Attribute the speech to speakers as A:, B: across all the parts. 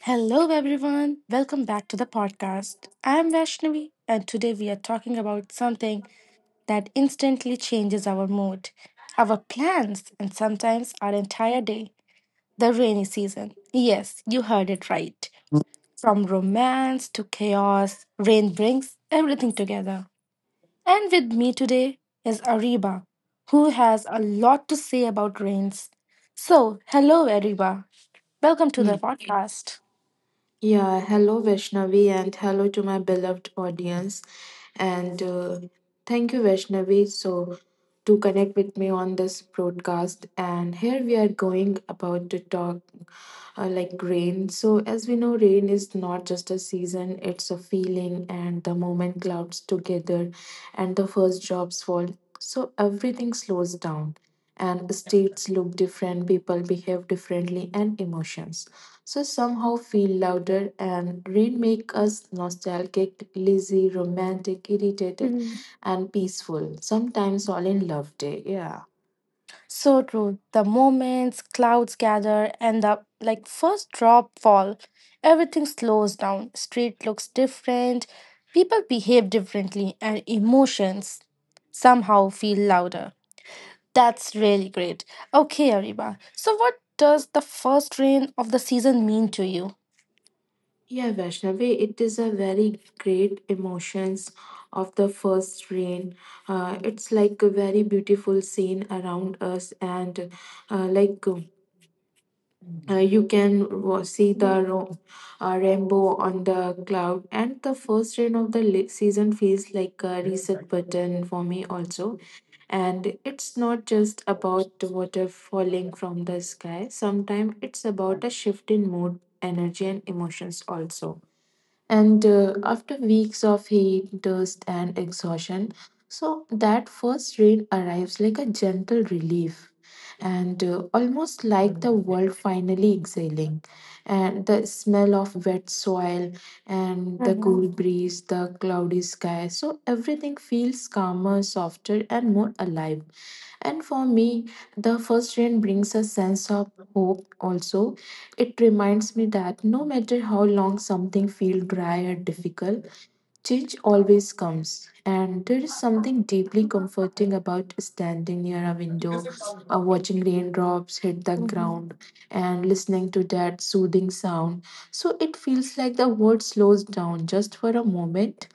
A: Hello, everyone. Welcome back to the podcast. I'm Vaishnavi, and today we are talking about something that instantly changes our mood, our plans, and sometimes our entire day, the rainy season. Yes, you heard it right. From romance to chaos, rain brings everything together. And with me today is Ariba, who has a lot to say about rains. So, hello, Ariba. Welcome to the
B: Ye-
A: podcast.
B: Yeah, hello Vaishnavi and hello to my beloved audience. And thank you, Vaishnavi, to connect with me on this broadcast. And here we are going about to talk like rain. So, as we know, rain is not just a season, it's a feeling, and the moment clouds together and the first drops fall. So, everything slows down, and states look different, people behave differently, and emotions somehow feel louder, and rain make us nostalgic, lazy, romantic, irritated, and peaceful, sometimes all in love day. Yeah,
A: So true. The moments clouds gather and the, like, first drop fall, everything slows down. Street looks different, people behave differently, and emotions somehow feel louder. That's really great. Okay, Ariba. So what does the first rain of the season mean to you?
B: yeah, Vaishnavi, it is a very great emotions of the first rain. It's like a very beautiful scene around us, and uh, like you can see the rainbow on the cloud, and the first rain of the season feels like a reset button for me also. And it's not just about the water falling from the sky, sometimes it's about a shift in mood, energy, and emotions also. And after weeks of heat, dust, and exhaustion, so that first rain arrives like a gentle relief, and almost like the world finally exhaling. And the smell of wet soil and the
A: Mm-hmm.
B: cool breeze, the cloudy sky, so everything feels calmer, softer, and more alive. And for me, the first rain brings a sense of hope also. It reminds me that no matter how long something feels dry or difficult, change always comes, and there is something deeply comforting about standing near a window, watching raindrops hit the
A: Hmm.
B: ground, and listening to that soothing sound. So it feels like the world slows down just for a moment.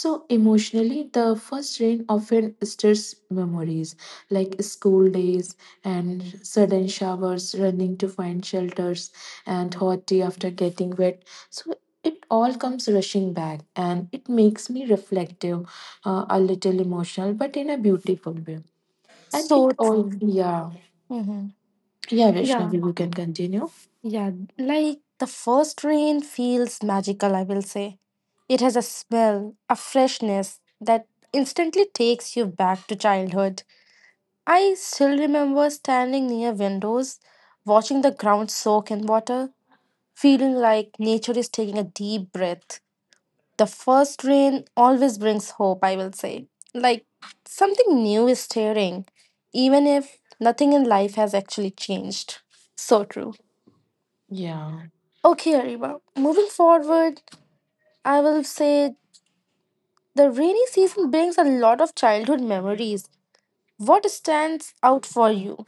B: So, emotionally, the first rain often stirs memories like school days and sudden showers, running to find shelters, and hot tea after getting wet. So it all comes rushing back, and it makes me reflective, a little emotional, but in a beautiful way. And
A: So
B: it all,
A: true.
B: yeah.
A: Hmm.
B: Yeah, Vishnavi,
A: Yeah.
B: you can continue.
A: Yeah, like the first rain feels magical, I will say. It has a smell, a freshness that instantly takes you back to childhood. I still remember standing near windows, watching the ground soak in water, feeling like nature is taking a deep breath. The first rain always brings hope, I will say. Like something new is stirring, even if nothing in life has actually changed. So true.
B: Yeah.
A: Okay, Arima. Moving forward, I will say the rainy season brings a lot of childhood memories. What stands out for you?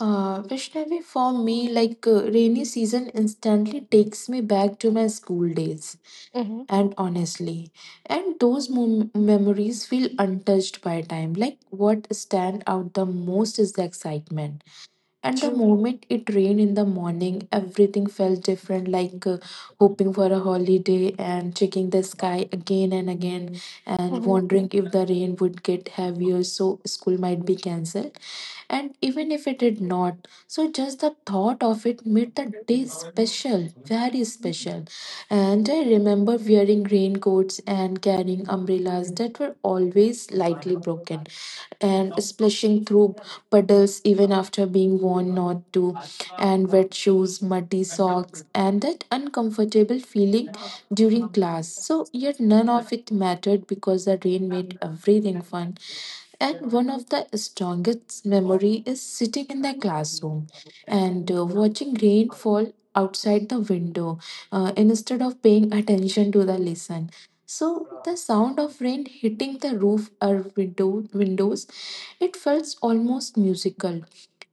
B: Vishnavi, for me, like rainy season instantly takes me back to my school days,
A: Mm-hmm.
B: and honestly, and those memories feel untouched by time. Like what stand out the most is the excitement. And the
A: True.
B: moment it rained in the morning, everything felt different, like hoping for a holiday, and checking the sky again and again and
A: Mm-hmm.
B: wondering if the rain would get heavier so school might be cancelled. And even if it did not, so just the thought of it made the day special, very special. And I remember wearing raincoats and carrying umbrellas that were always lightly broken, and splashing through puddles even after being warned not to, and wet shoes, muddy socks, and that uncomfortable feeling during class. So, yet none of it mattered because the rain made everything fun. And one of the strongest memory is sitting in the classroom and watching rain fall outside the window instead of paying attention to the lesson. So the sound of rain hitting the roof or windows, it felt almost musical.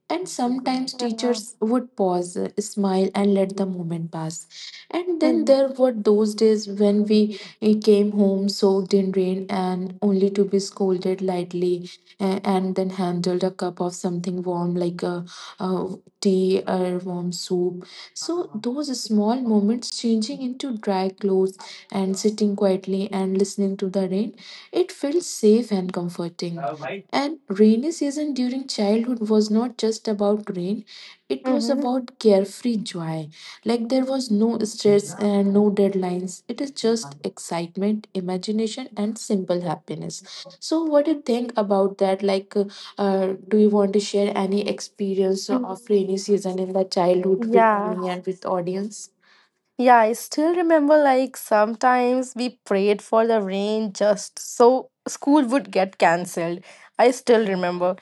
B: And sometimes teachers would pause, smile, and let the moment pass. And then
A: Mm-hmm.
B: there were those days when we came home soaked in rain and only to be scolded lightly, and then handled a cup of something warm like a tea or warm soup. So those small moments changing into dry clothes and sitting quietly and listening to the rain, it felt safe and comforting. And rainy season during childhood was not just about rain, it was
A: Mm-hmm.
B: about carefree joy, like there was no stress and no deadlines. It is just excitement, imagination, and simple happiness. So, what do you think about that? Like, do you want to share any experience of rainy season in the childhood with
A: Yeah.
B: me and with audience?
A: Yeah, I still remember, like, sometimes we prayed for the rain just so school would get cancelled. I still remember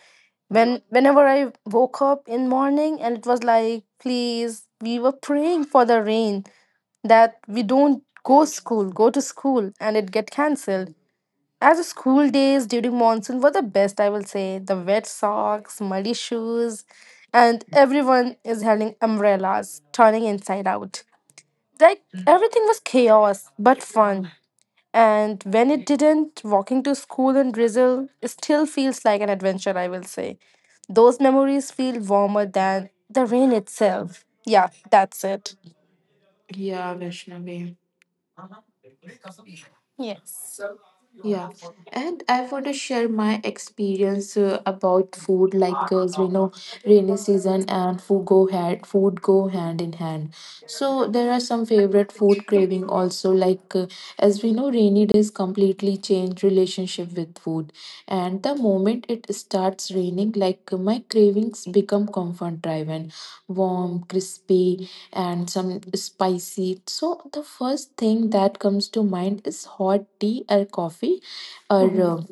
A: whenever I woke up in morning and it was like, please, we were praying for the rain that we don't go to school, and it get cancelled. As a school days during monsoon were the best, I will say. The wet socks, muddy shoes, and everyone is holding umbrellas, turning inside out. Like everything was chaos but fun. And when it didn't, walking to school in drizzle it still feels like an adventure, I will say. Those memories feel warmer than the rain itself. Yeah, that's it.
B: Yeah, Vaishnavi.
A: Yes.
B: Yeah, and I want to share my experience about food. Like girls, we know rainy season and food go hand, in hand. So there are some favorite food craving also. Like as we know, rainy days completely change relationship with food. And the moment it starts raining, like my cravings become comfort driven, warm, crispy, and some spicy. So the first thing that comes to mind is hot tea or coffee or
A: Mhm.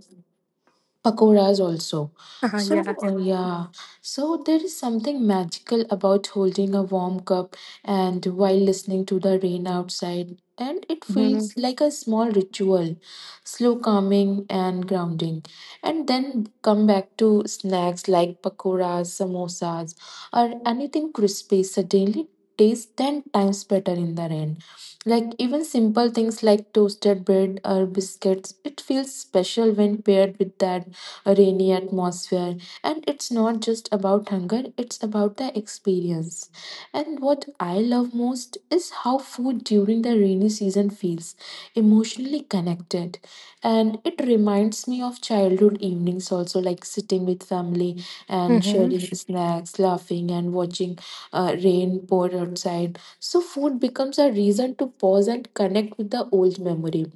B: pakoras also.
A: Ah,
B: So
A: yeah.
B: yeah, so there is something magical about holding a warm cup and while listening to the rain outside, and it
A: Mm-hmm.
B: feels like a small ritual, slow, calming, and grounding. And then come back to snacks like pakoras, samosas, or anything crispy. Suddenly tastes ten times better in the rain. Like even simple things like toasted bread or biscuits, it feels special when paired with that rainy atmosphere, and it's not just about hunger, it's about the experience. And what I love most is how food during the rainy season feels emotionally connected, and it reminds me of childhood evenings also, like sitting with family and
A: Mm-hmm.
B: sharing snacks, laughing and watching rain pour outside. So food becomes a reason to pause and connect with the old memory.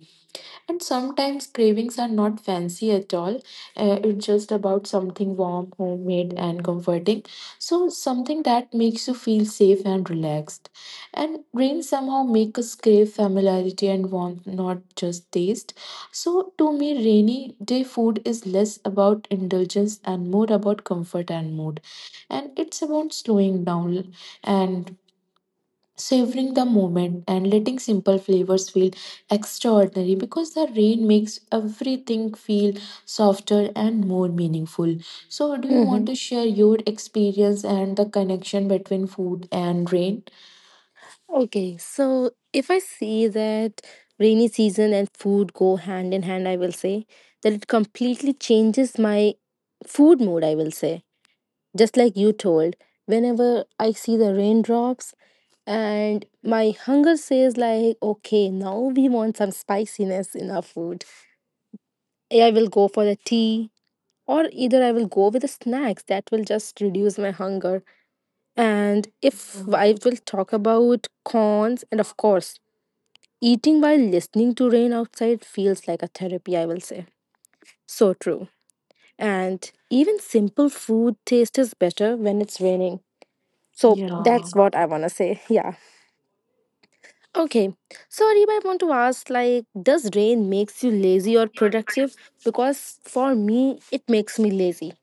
B: And sometimes cravings are not fancy at all. It's just about something warm, homemade, and comforting. So, something that makes you feel safe and relaxed. And rains somehow make us crave familiarity and warmth, not just taste. So, to me, rainy day food is less about indulgence and more about comfort and mood. And it's about slowing down and savoring the moment and letting simple flavors feel extraordinary because the rain makes everything feel softer and more meaningful. So do you want
A: Mm-hmm.
B: to share your experience and the connection between food and rain?
A: Okay, so if I see that rainy season and food go hand in hand, I will say that it completely changes my food mood, I will say. Just like you told, whenever I see the raindrops and my hunger says like, okay, now we want some spiciness in our food. I will go for the tea or either I will go with the snacks that will just reduce my hunger. And if
B: Yeah.
A: I will talk about cons, and of course, eating while listening to rain outside feels like a therapy, I will say. So true. And even simple food taste is better when it's raining. So
B: Yeah.
A: that's what I want to say. Yeah. Okay. So, Ariba, I want to ask, like, does rain makes you lazy or productive? Because for me, it makes me lazy.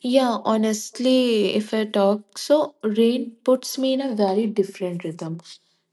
B: Yeah, honestly, if I talk, so rain puts me in a very different rhythm,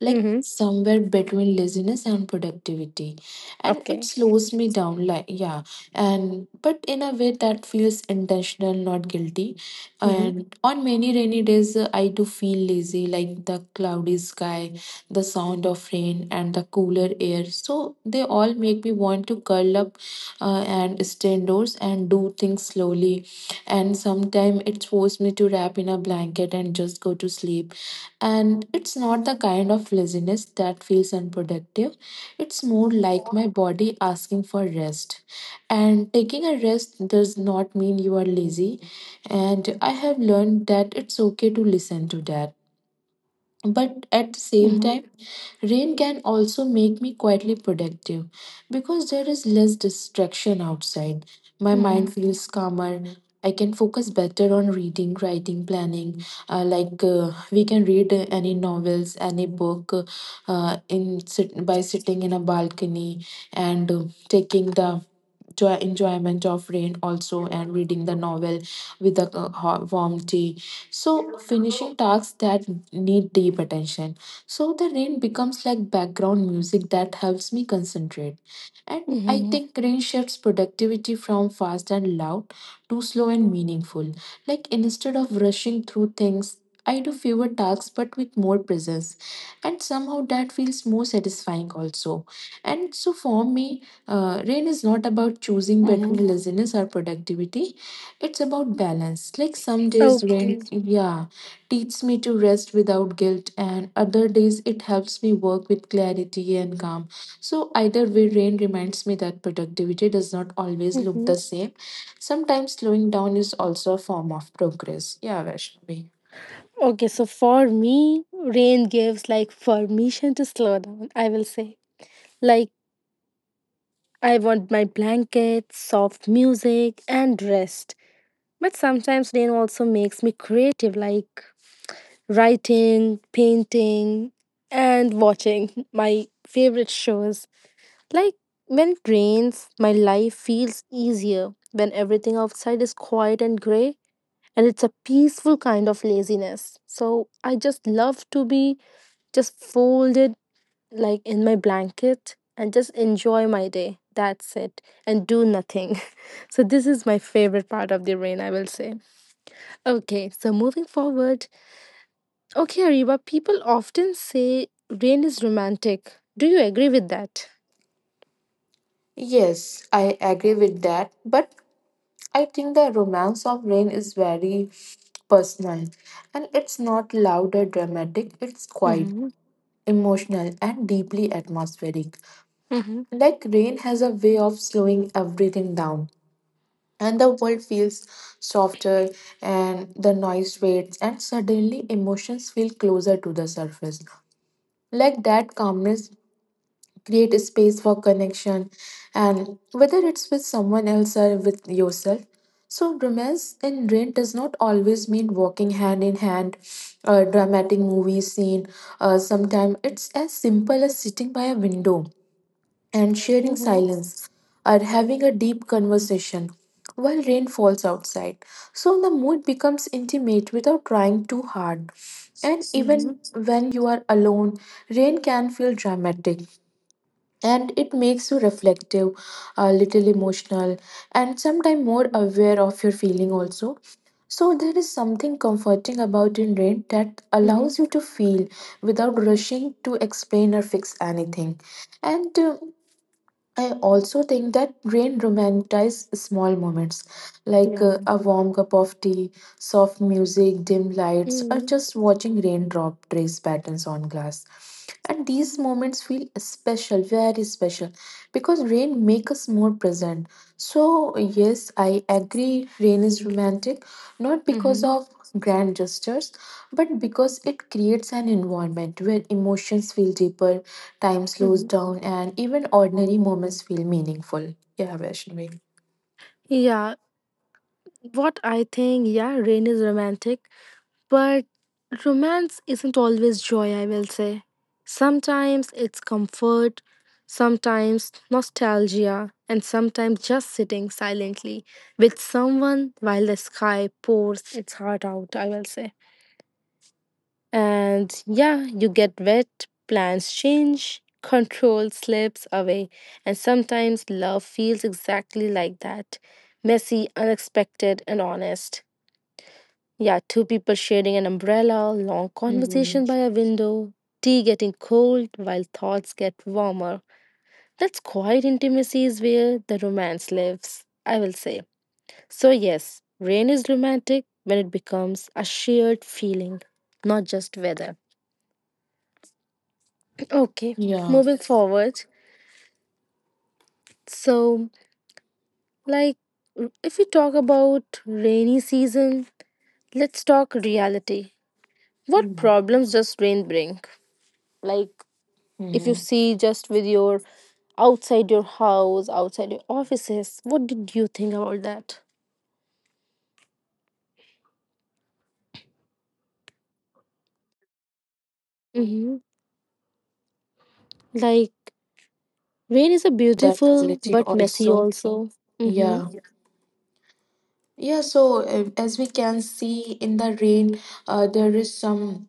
B: like
A: Mhm.
B: somewhere between laziness and productivity. And it
A: Okay.
B: slows me down, like, yeah. And but in a way that feels intentional, not guilty.
A: Mhm.
B: And on many rainy days, I do feel lazy, like the cloudy sky, the sound of rain, and the cooler air. So they all make me want to curl up and stay indoors and do things slowly, and sometimes it forced me to wrap in a blanket and just go to sleep. And it's not the kind of laziness that feels unproductive, it's more like my body asking for rest, and taking a rest does not mean you are lazy, and I have learned that it's okay to listen to that. But at the same
A: Mhm.
B: time, rain can also make me quietly productive because there is less distraction outside. My
A: Mhm.
B: mind feels calmer. I can focus better on reading, writing, planning. We can read any novels, any book in by sitting in a balcony, and taking the joy enjoyment of rain also, and reading the novel with a hot, warm tea, so, finishing tasks that need deep attention. So, the rain becomes like background music that helps me concentrate. And I
A: Mhm.
B: think rain shifts productivity from fast and loud to slow and meaningful. Like, instead of rushing through things, I do fewer tasks but with more presence, and somehow that feels more satisfying also. And so, for me, rain is not about choosing
A: Mhm.
B: between laziness or productivity, it's about balance. Like some days
A: Okay.
B: when, yeah, teaches me to rest without guilt, and other days it helps me work with clarity and calm. So, either way, rain reminds me that productivity does not always look
A: Mm-hmm.
B: the same. Sometimes slowing down is also a form of progress. Yeah, Vaishnavi.
A: Okay, so for me, rain gives, like, permission to slow down, I will say. Like, I want my blanket, soft music, and rest. But sometimes rain also makes me creative, like writing, painting, and watching my favorite shows. Like, when it rains, my life feels easier when everything outside is quiet and gray, and it's a peaceful kind of laziness. So, I just love to be just fold it, like, in my blanket and just enjoy my day. That's it. And do nothing. So this is my favorite part of the rain, I will say. Okay, so moving forward. Okay, Ariba, people often say rain is romantic. Do you agree with that?
B: Yes, I agree with that. But I think the romance of rain is very personal, and it's not loud or dramatic, it's quiet,
A: Mm-hmm.
B: emotional, and deeply atmospheric.
A: Mm-hmm.
B: Like rain has a way of slowing everything down, and the world feels softer, and the noise fades, and suddenly emotions feel closer to the surface. Like that calmness create space for connection, and whether it's with someone else or with yourself. So, romance in rain does not always mean walking hand in hand, a dramatic movie scene. Sometimes it's as simple as sitting by a window and sharing
A: Mm-hmm.
B: silence are having a deep conversation while rain falls outside. So the mood becomes intimate without trying too hard. And
A: Mm-hmm.
B: even when you are alone, rain can feel dramatic, and it makes you reflective, a little emotional, and sometimes more aware of your feeling also. So there is something comforting about in rain that
A: Mm-hmm.
B: allows you to feel without rushing to explain or fix anything. And I also think that rain romanticizes small moments like
A: Yeah.
B: a warm cup of tea, soft music, dim lights, or
A: Mm-hmm.
B: just watching raindrop trace patterns on glass. And these moments feel special, very special, because rain makes us more present. So, yes, I agree, rain is romantic, not because
A: Mm-hmm.
B: of grand gestures, but because it creates an environment where emotions feel deeper. Time slows
A: Mm-hmm.
B: down, and even ordinary moments feel meaningful. Yeah, Vaishnavi.
A: Yeah. What I think, yeah, rain is romantic. But romance isn't always joy, I will say. Sometimes it's comfort, sometimes nostalgia, and sometimes just sitting silently with someone while the sky pours its heart out, I will say. And yeah, you get wet, plans change, control slips away, and sometimes love feels exactly like that: messy, unexpected, and honest. Yeah, two people sharing an umbrella, long conversation by
B: Mm-hmm.
A: a window, tea getting cold while thoughts get warmer. That's quiet intimacy is where the romance lives, I will say. So, yes, rain is romantic when it becomes a shared feeling, not just weather. Okay,
B: Yeah.
A: moving forward. So, like, if we talk about rainy season, let's talk reality. What problems does rain bring? Like, if you
B: Mhm.
A: see just with your outside your offices, what did you think about that? Mm-hmm. Like, rain is a
B: The
A: beautiful
B: reality
A: but messy
B: also,
A: also. Mm-hmm.
B: yeah, yeah. So as we can see in the rain, there is some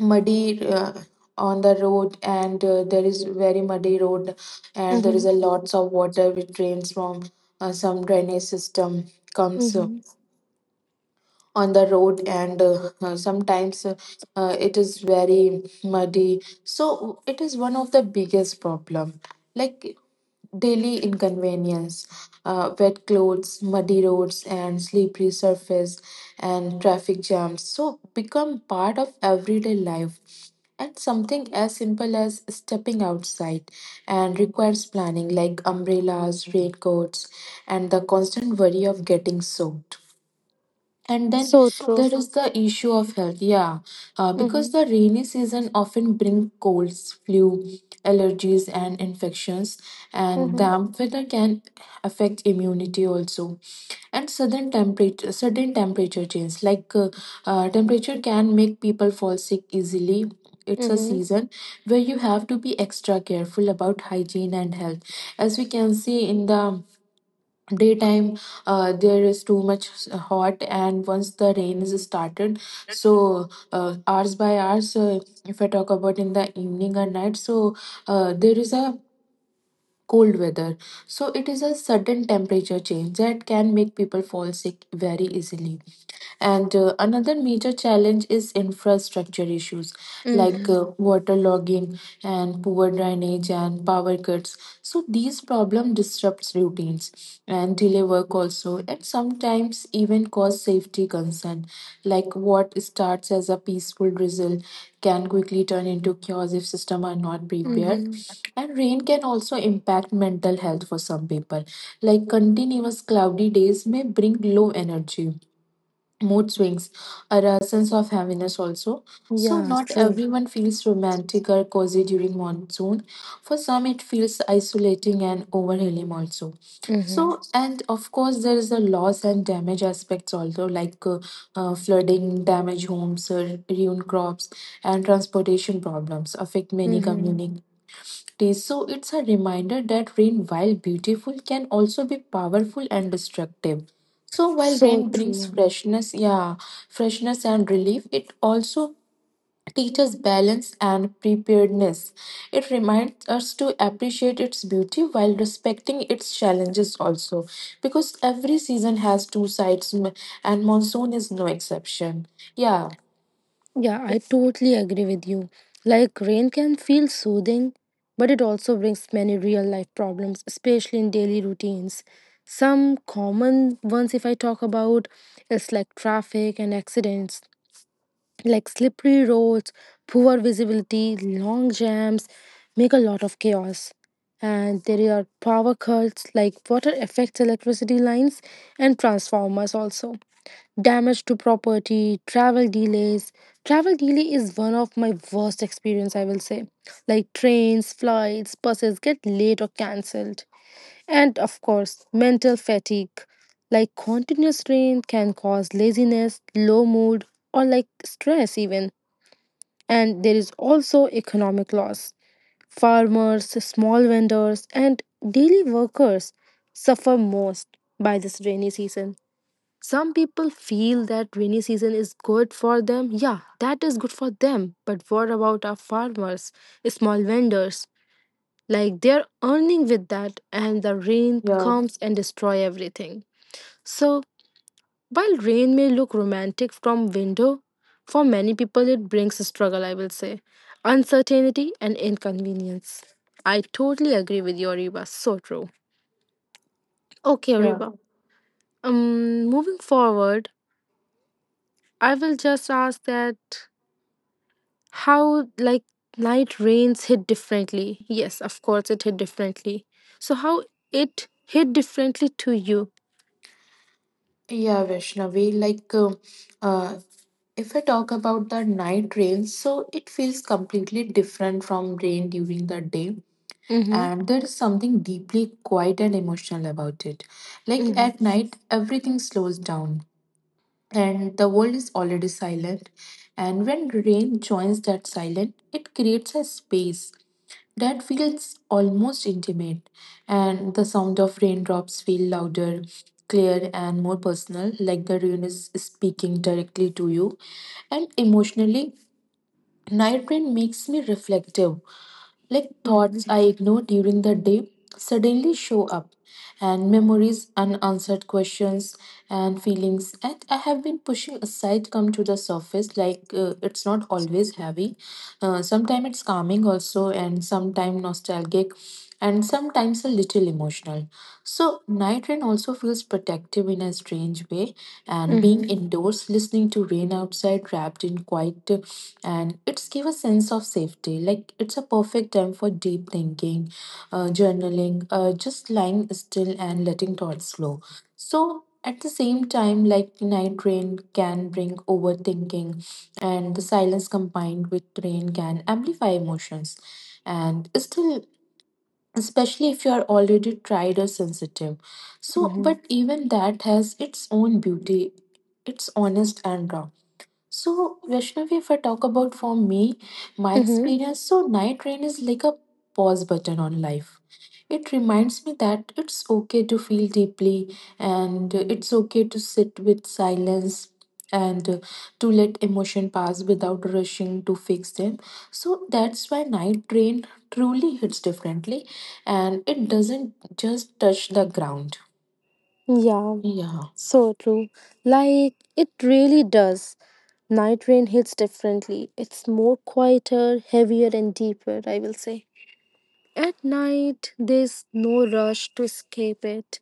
B: muddy on the road, and there is very muddy road, and there is
A: Mm-hmm.
B: a lots of water which drains from some drainage system, comes
A: Mm-hmm.
B: on the road, and sometimes it is very muddy. So it is one of the biggest problem, like daily inconvenience, wet clothes, muddy roads, and slippery surface, and traffic jams, so become part of everyday life. And something as simple as stepping outside and requires planning, like umbrellas, raincoats, and the constant worry of getting soaked. And then
A: So true.
B: there is the issue of health. Yeah, because
A: Mm-hmm.
B: the rainy season often bring colds, flu, allergies, and infections, and
A: Mm-hmm.
B: damp weather can affect immunity also. And sudden temperature change, like temperature can make people fall sick easily. It's a
A: Mm-hmm.
B: season where you have to be extra careful about hygiene and health. As we can see, in the daytime there is too much hot, and once the rain is started, so hours by hours, if I talk about in the evening or night, so there is a cold weather. So it is a sudden temperature change that can make people fall sick very easily. And another major challenge is infrastructure issues, like
A: Mm-hmm.
B: water and poor drainage and power cuts. So these problem disrupts routines and delay work also, and sometimes even cause safety concern. Like what starts as a peaceful drizzle can quickly turn into chaos if systems are not prepared.
A: Mm-hmm.
B: And rain can also impact mental health for some people, like continuous cloudy days may bring low energy, mood swings, or a sense of heaviness also. So
A: Yeah,
B: not
A: true.
B: everyone feels romantic or cozy during monsoon. For some it feels isolating and overwhelming also.
A: Mm-hmm.
B: So and of course there is the loss and damage aspects also, like flooding damage homes, ruined crops, and transportation problems affect many
A: Mm-hmm.
B: communities days. So it's a reminder that rain, while beautiful, can also be powerful and destructive. So while
A: So
B: rain brings
A: true.
B: freshness, yeah, freshness and relief, it also teaches balance and preparedness. It reminds us to appreciate its beauty while respecting its challenges also, because every season has two sides, and monsoon is no exception. Yeah.
A: Yeah, I totally agree with you. Like, rain can feel soothing, but it also brings many real life problems, especially in daily routines. Some common ones, if I talk about, is like traffic and accidents, like slippery roads, poor visibility, long jams, make a lot of chaos. And there are power cuts, like water affects electricity lines and transformers, also damage to property, travel delays. Travel delay is one of my worst experience, I will say. Like trains, flights, buses get late or cancelled. And of course, mental fatigue. Like continuous rain can cause laziness, low mood, or like stress even. And there is also economic loss. Farmers, small vendors, and daily workers suffer most by this rainy season. Some people feel that rainy season is good for them. Yeah, that is good for them. But what about our farmers, small vendors? Like, they're earning with that, and the rain
B: Yeah.
A: comes and destroy everything. So while rain may look romantic from window, for many people it brings a struggle, I will say, uncertainty and inconvenience. I totally agree with you, Ariba. So true. Okay,
B: Yeah.
A: Ariba. Moving forward, I will just ask that how, like, night rains hit differently. Yes, of course it hit differently. So how it hit differently to you?
B: Yeah, Vaishnavi, like uh, if I talk about the night rain, so it feels completely different from rain during the day.
A: Mm-hmm.
B: And there is something deeply quiet and emotional about it. Like
A: Mm-hmm.
B: at night, everything slows down and the world is already silent. And when rain joins that silence, it creates a space that feels almost intimate, and the sound of raindrops feel louder, clear, and more personal, like the rain is speaking directly to you. And emotionally, night rain makes me reflective. Like
A: Mm-hmm.
B: thoughts I ignore during the day suddenly show up, and memories, unanswered questions, and feelings that I have been pushing aside come to the surface. Like it's not always heavy. Sometimes it's calming also, and sometimes nostalgic, and sometimes a little emotional. So night rain also feels protective in a strange way, and being
A: Mm-hmm.
B: indoors, listening to rain outside, wrapped in quiet, and it's give a sense of safety. Like it's a perfect time for deep thinking, journaling, just lying still and letting thoughts flow. So at the same time, like night rain can bring overthinking, and the silence combined with rain can amplify emotions and still, especially if you are already tried or sensitive. So
A: Mm-hmm.
B: but even that has its own beauty. It's honest and raw. So, Vaishnavi, if I talk about for me, my
A: Mm-hmm.
B: experience, so night rain is like a pause button on life. It reminds me that it's okay to feel deeply, and it's okay to sit with silence and to let emotion pass without rushing to fix them. So that's why night rain truly hits differently, and it doesn't just touch the ground.
A: Yeah.
B: Yeah.
A: So true. Like, it really does. Night rain hits differently. It's more quieter, heavier and deeper, I will say. At night, there's no rush to escape it.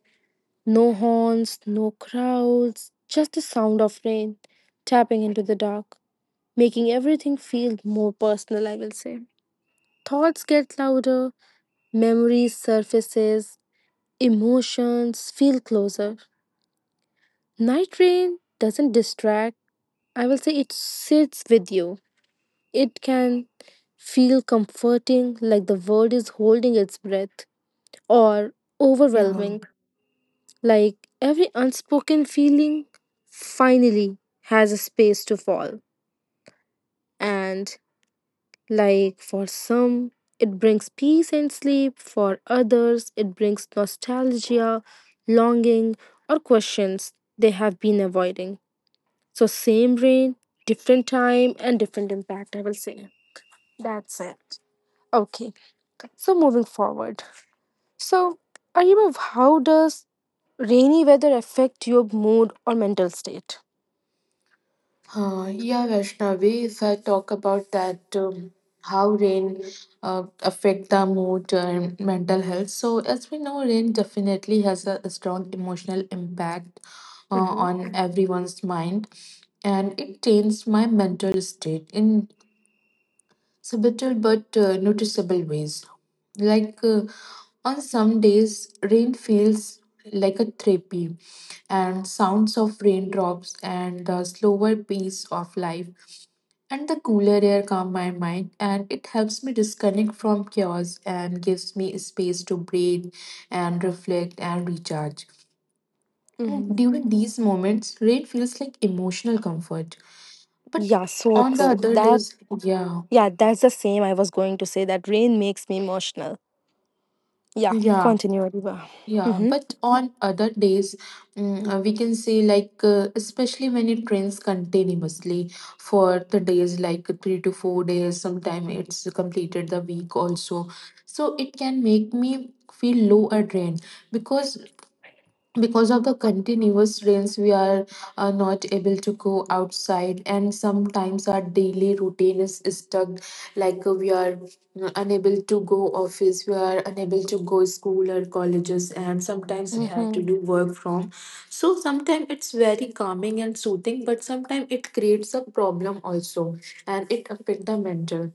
A: No horns, no crowds, just the sound of rain tapping into the dark, making everything feel more personal, I will say. Thoughts get louder, memories surfaces, emotions feel closer. Night rain doesn't distract. I will say, it sits with you. It can feel comforting, like the world is holding its breath, or
B: Yeah.
A: overwhelming, like every unspoken feeling finally has a space to fall. And like for some, it brings peace and sleep; for others, it brings nostalgia, longing, or questions they have been avoiding. So, same brain, different time, and different impact, I will say. That's it. Okay, so moving forward. So, Ariba, how does rainy weather affect your mood or mental state?
B: Yeah, Vaishnavi, if I talk about that, how rain affect the mood and mental health. So as we know, rain definitely has a strong emotional impact
A: Mm-hmm.
B: on everyone's mind, and it changes my mental state in subtle but noticeable ways. Like on some days, rain feels like a therapy, and sounds of raindrops and the slower pace of life and the cooler air calm my mind, and it helps me disconnect from chaos and gives me space to breathe and reflect and recharge.
A: Mm-hmm.
B: During these moments, rain feels like emotional comfort. But
A: Yeah, so
B: on the
A: true.
B: other
A: That,
B: days, yeah,
A: yeah, that's the same I was going to say, that rain makes me emotional. Yeah,
B: yeah.
A: continue, Adiba.
B: Yeah,
A: Mm-hmm.
B: but on other days, we can say, like especially when it rains continuously for the days, like 3 to 4 days. Sometimes it's completed the week also. So it can make me feel low or drained, because because of the continuous rains we are not able to go outside, and sometimes our daily routine is stuck, like we are unable to go office, we are unable to go school or colleges, and sometimes we have to
A: Mm-hmm.
B: do work from. So sometimes it's very calming and soothing, but sometimes it creates a problem also, and it affect the mental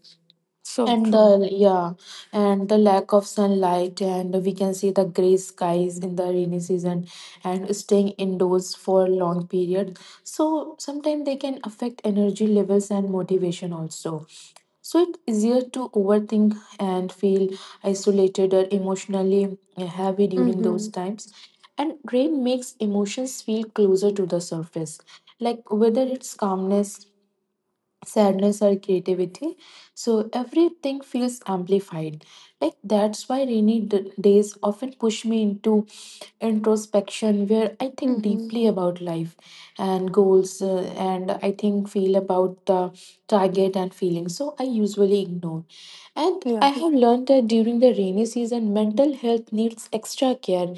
A: So
B: and
A: true.
B: the, yeah, and the lack of sunlight. And we can see the gray skies in the rainy season, and staying indoors for long period. So sometimes they can affect energy levels and motivation also. So it's easier to overthink and feel isolated or emotionally heavy during
A: Mm-hmm.
B: those times. And rain makes emotions feel closer to the surface, like whether it's calmness, sadness, or creativity, so everything feels amplified. Like that's why rainy days often push me into introspection, where I think
A: Mm-hmm.
B: deeply about life and goals, and I think feel about the target and feelings, so I usually ignore. And I
A: Yeah.
B: have learned that during the rainy season mental health needs extra care.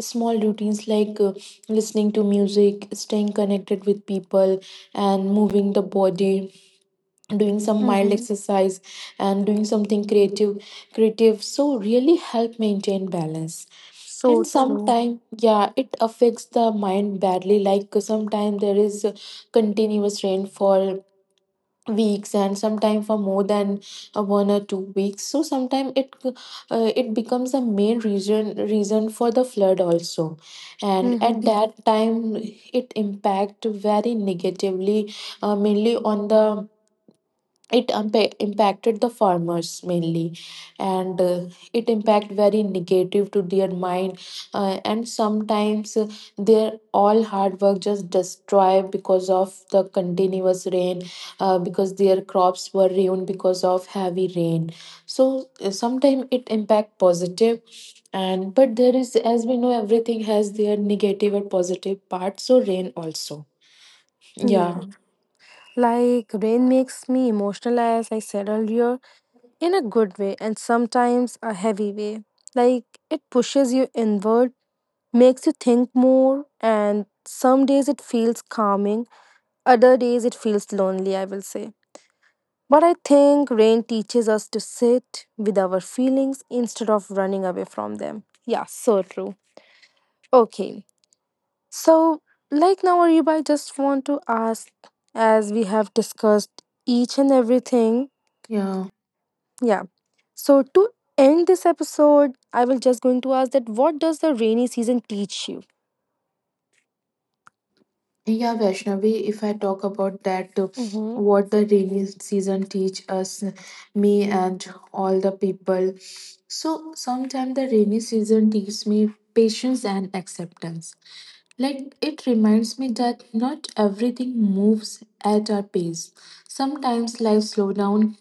B: Small routines like listening to music, staying connected with people, and moving the body, doing some mild
A: Mm-hmm.
B: exercise, and doing something creative, so really help maintain balance.
A: So
B: And
A: true.
B: sometimes, yeah, it affects the mind badly, like sometimes there is continuous rain for weeks, and sometimes for more than 1 or 2 weeks. So sometimes it it becomes a main reason for the flood also, and
A: Mm-hmm.
B: at
A: Mm-hmm,
B: that time it impact very negatively. Mainly on the, it impacted the farmers mainly, and it impact very negative to their mind, and sometimes their all hard work just destroy because of the continuous rain, because their crops were ruined because of heavy rain. So sometimes it impact positive, and but there is, as we know, everything has their negative or positive part, so rain also. Yeah,
A: yeah. Like, rain makes me emotional, as I said earlier, in a good way and sometimes a heavy way. Like, it pushes you inward, makes you think more, and some days it feels calming, other days it feels lonely, I will say. But I think rain teaches us to sit with our feelings instead of running away from them. Yeah, so true. Okay, so like, now, Ariba, I just want to ask, as we have discussed each and everything.
B: yeah.
A: Yeah. So to end this episode, I will just going to ask, that what does the rainy season teach you?
B: Yeah, Vaishnavi, if I talk about that,
A: Mm-hmm.
B: what the rainy season teach us, me and all the people. So sometimes the rainy season teaches me patience and acceptance. Like it reminds me that not everything moves at our pace. Sometimes life slow down,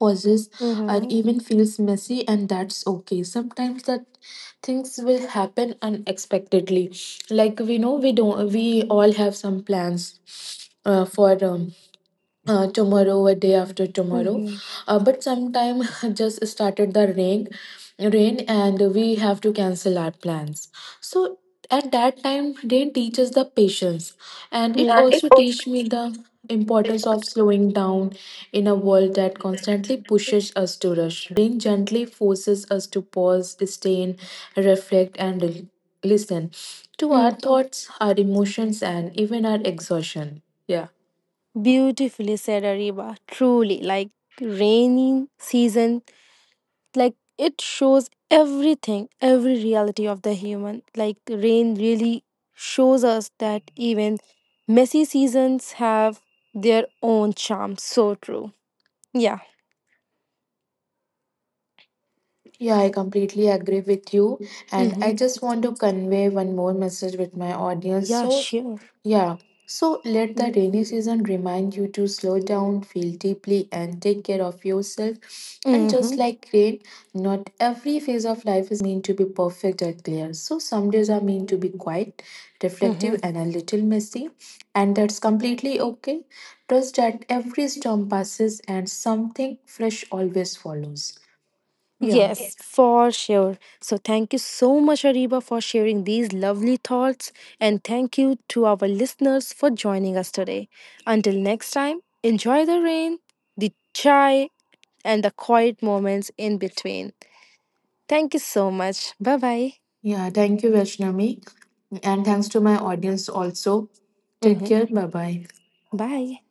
B: pauses, or
A: Mm-hmm.
B: even feels messy, and that's okay. Sometimes that things will happen unexpectedly. Like we know, we don't, we all have some plans for tomorrow or day after tomorrow,
A: Mm-hmm.
B: but sometime just started the rain, and we have to cancel our plans. So at that time rain teaches the patience. And it
A: Yeah. And it
B: also
A: also.
B: teach me the importance of slowing down in a world that constantly pushes us to rush. Rain gently forces us to pause, stay, reflect, and listen to our
A: Mm,
B: thoughts, our emotions, and even our exhaustion. Yeah.
A: Beautifully said, Ariba. Truly, like, rainy season, like, it shows everything, every reality of the human. Like, rain really shows us that even messy seasons have their own charm. So true. Yeah.
B: Yeah, I completely agree with you. And I
A: Mhm.
B: just want to convey one more message with my audience.
A: Yeah,
B: So,
A: sure.
B: yeah, so let the rainy season remind you to slow down, feel deeply, and take care of yourself. And
A: Mm-hmm.
B: just like rain, not every phase of life is meant to be perfect or clear. So some days are meant to be quiet,
A: Mm-hmm.
B: reflective, and a little messy, and that's completely okay. Trust that every storm passes and something fresh always follows. Yeah.
A: Yes, for sure. So, thank you so much, Ariba, for sharing these lovely thoughts. And thank you to our listeners for joining us today. Until next time, enjoy the rain, the chai, and the quiet moments in between. Thank you so much. Bye-bye.
B: Yeah, thank you, Vaishnavi, and thanks to my audience also. Take
A: Mm-hmm.
B: care. Bye bye.
A: Bye.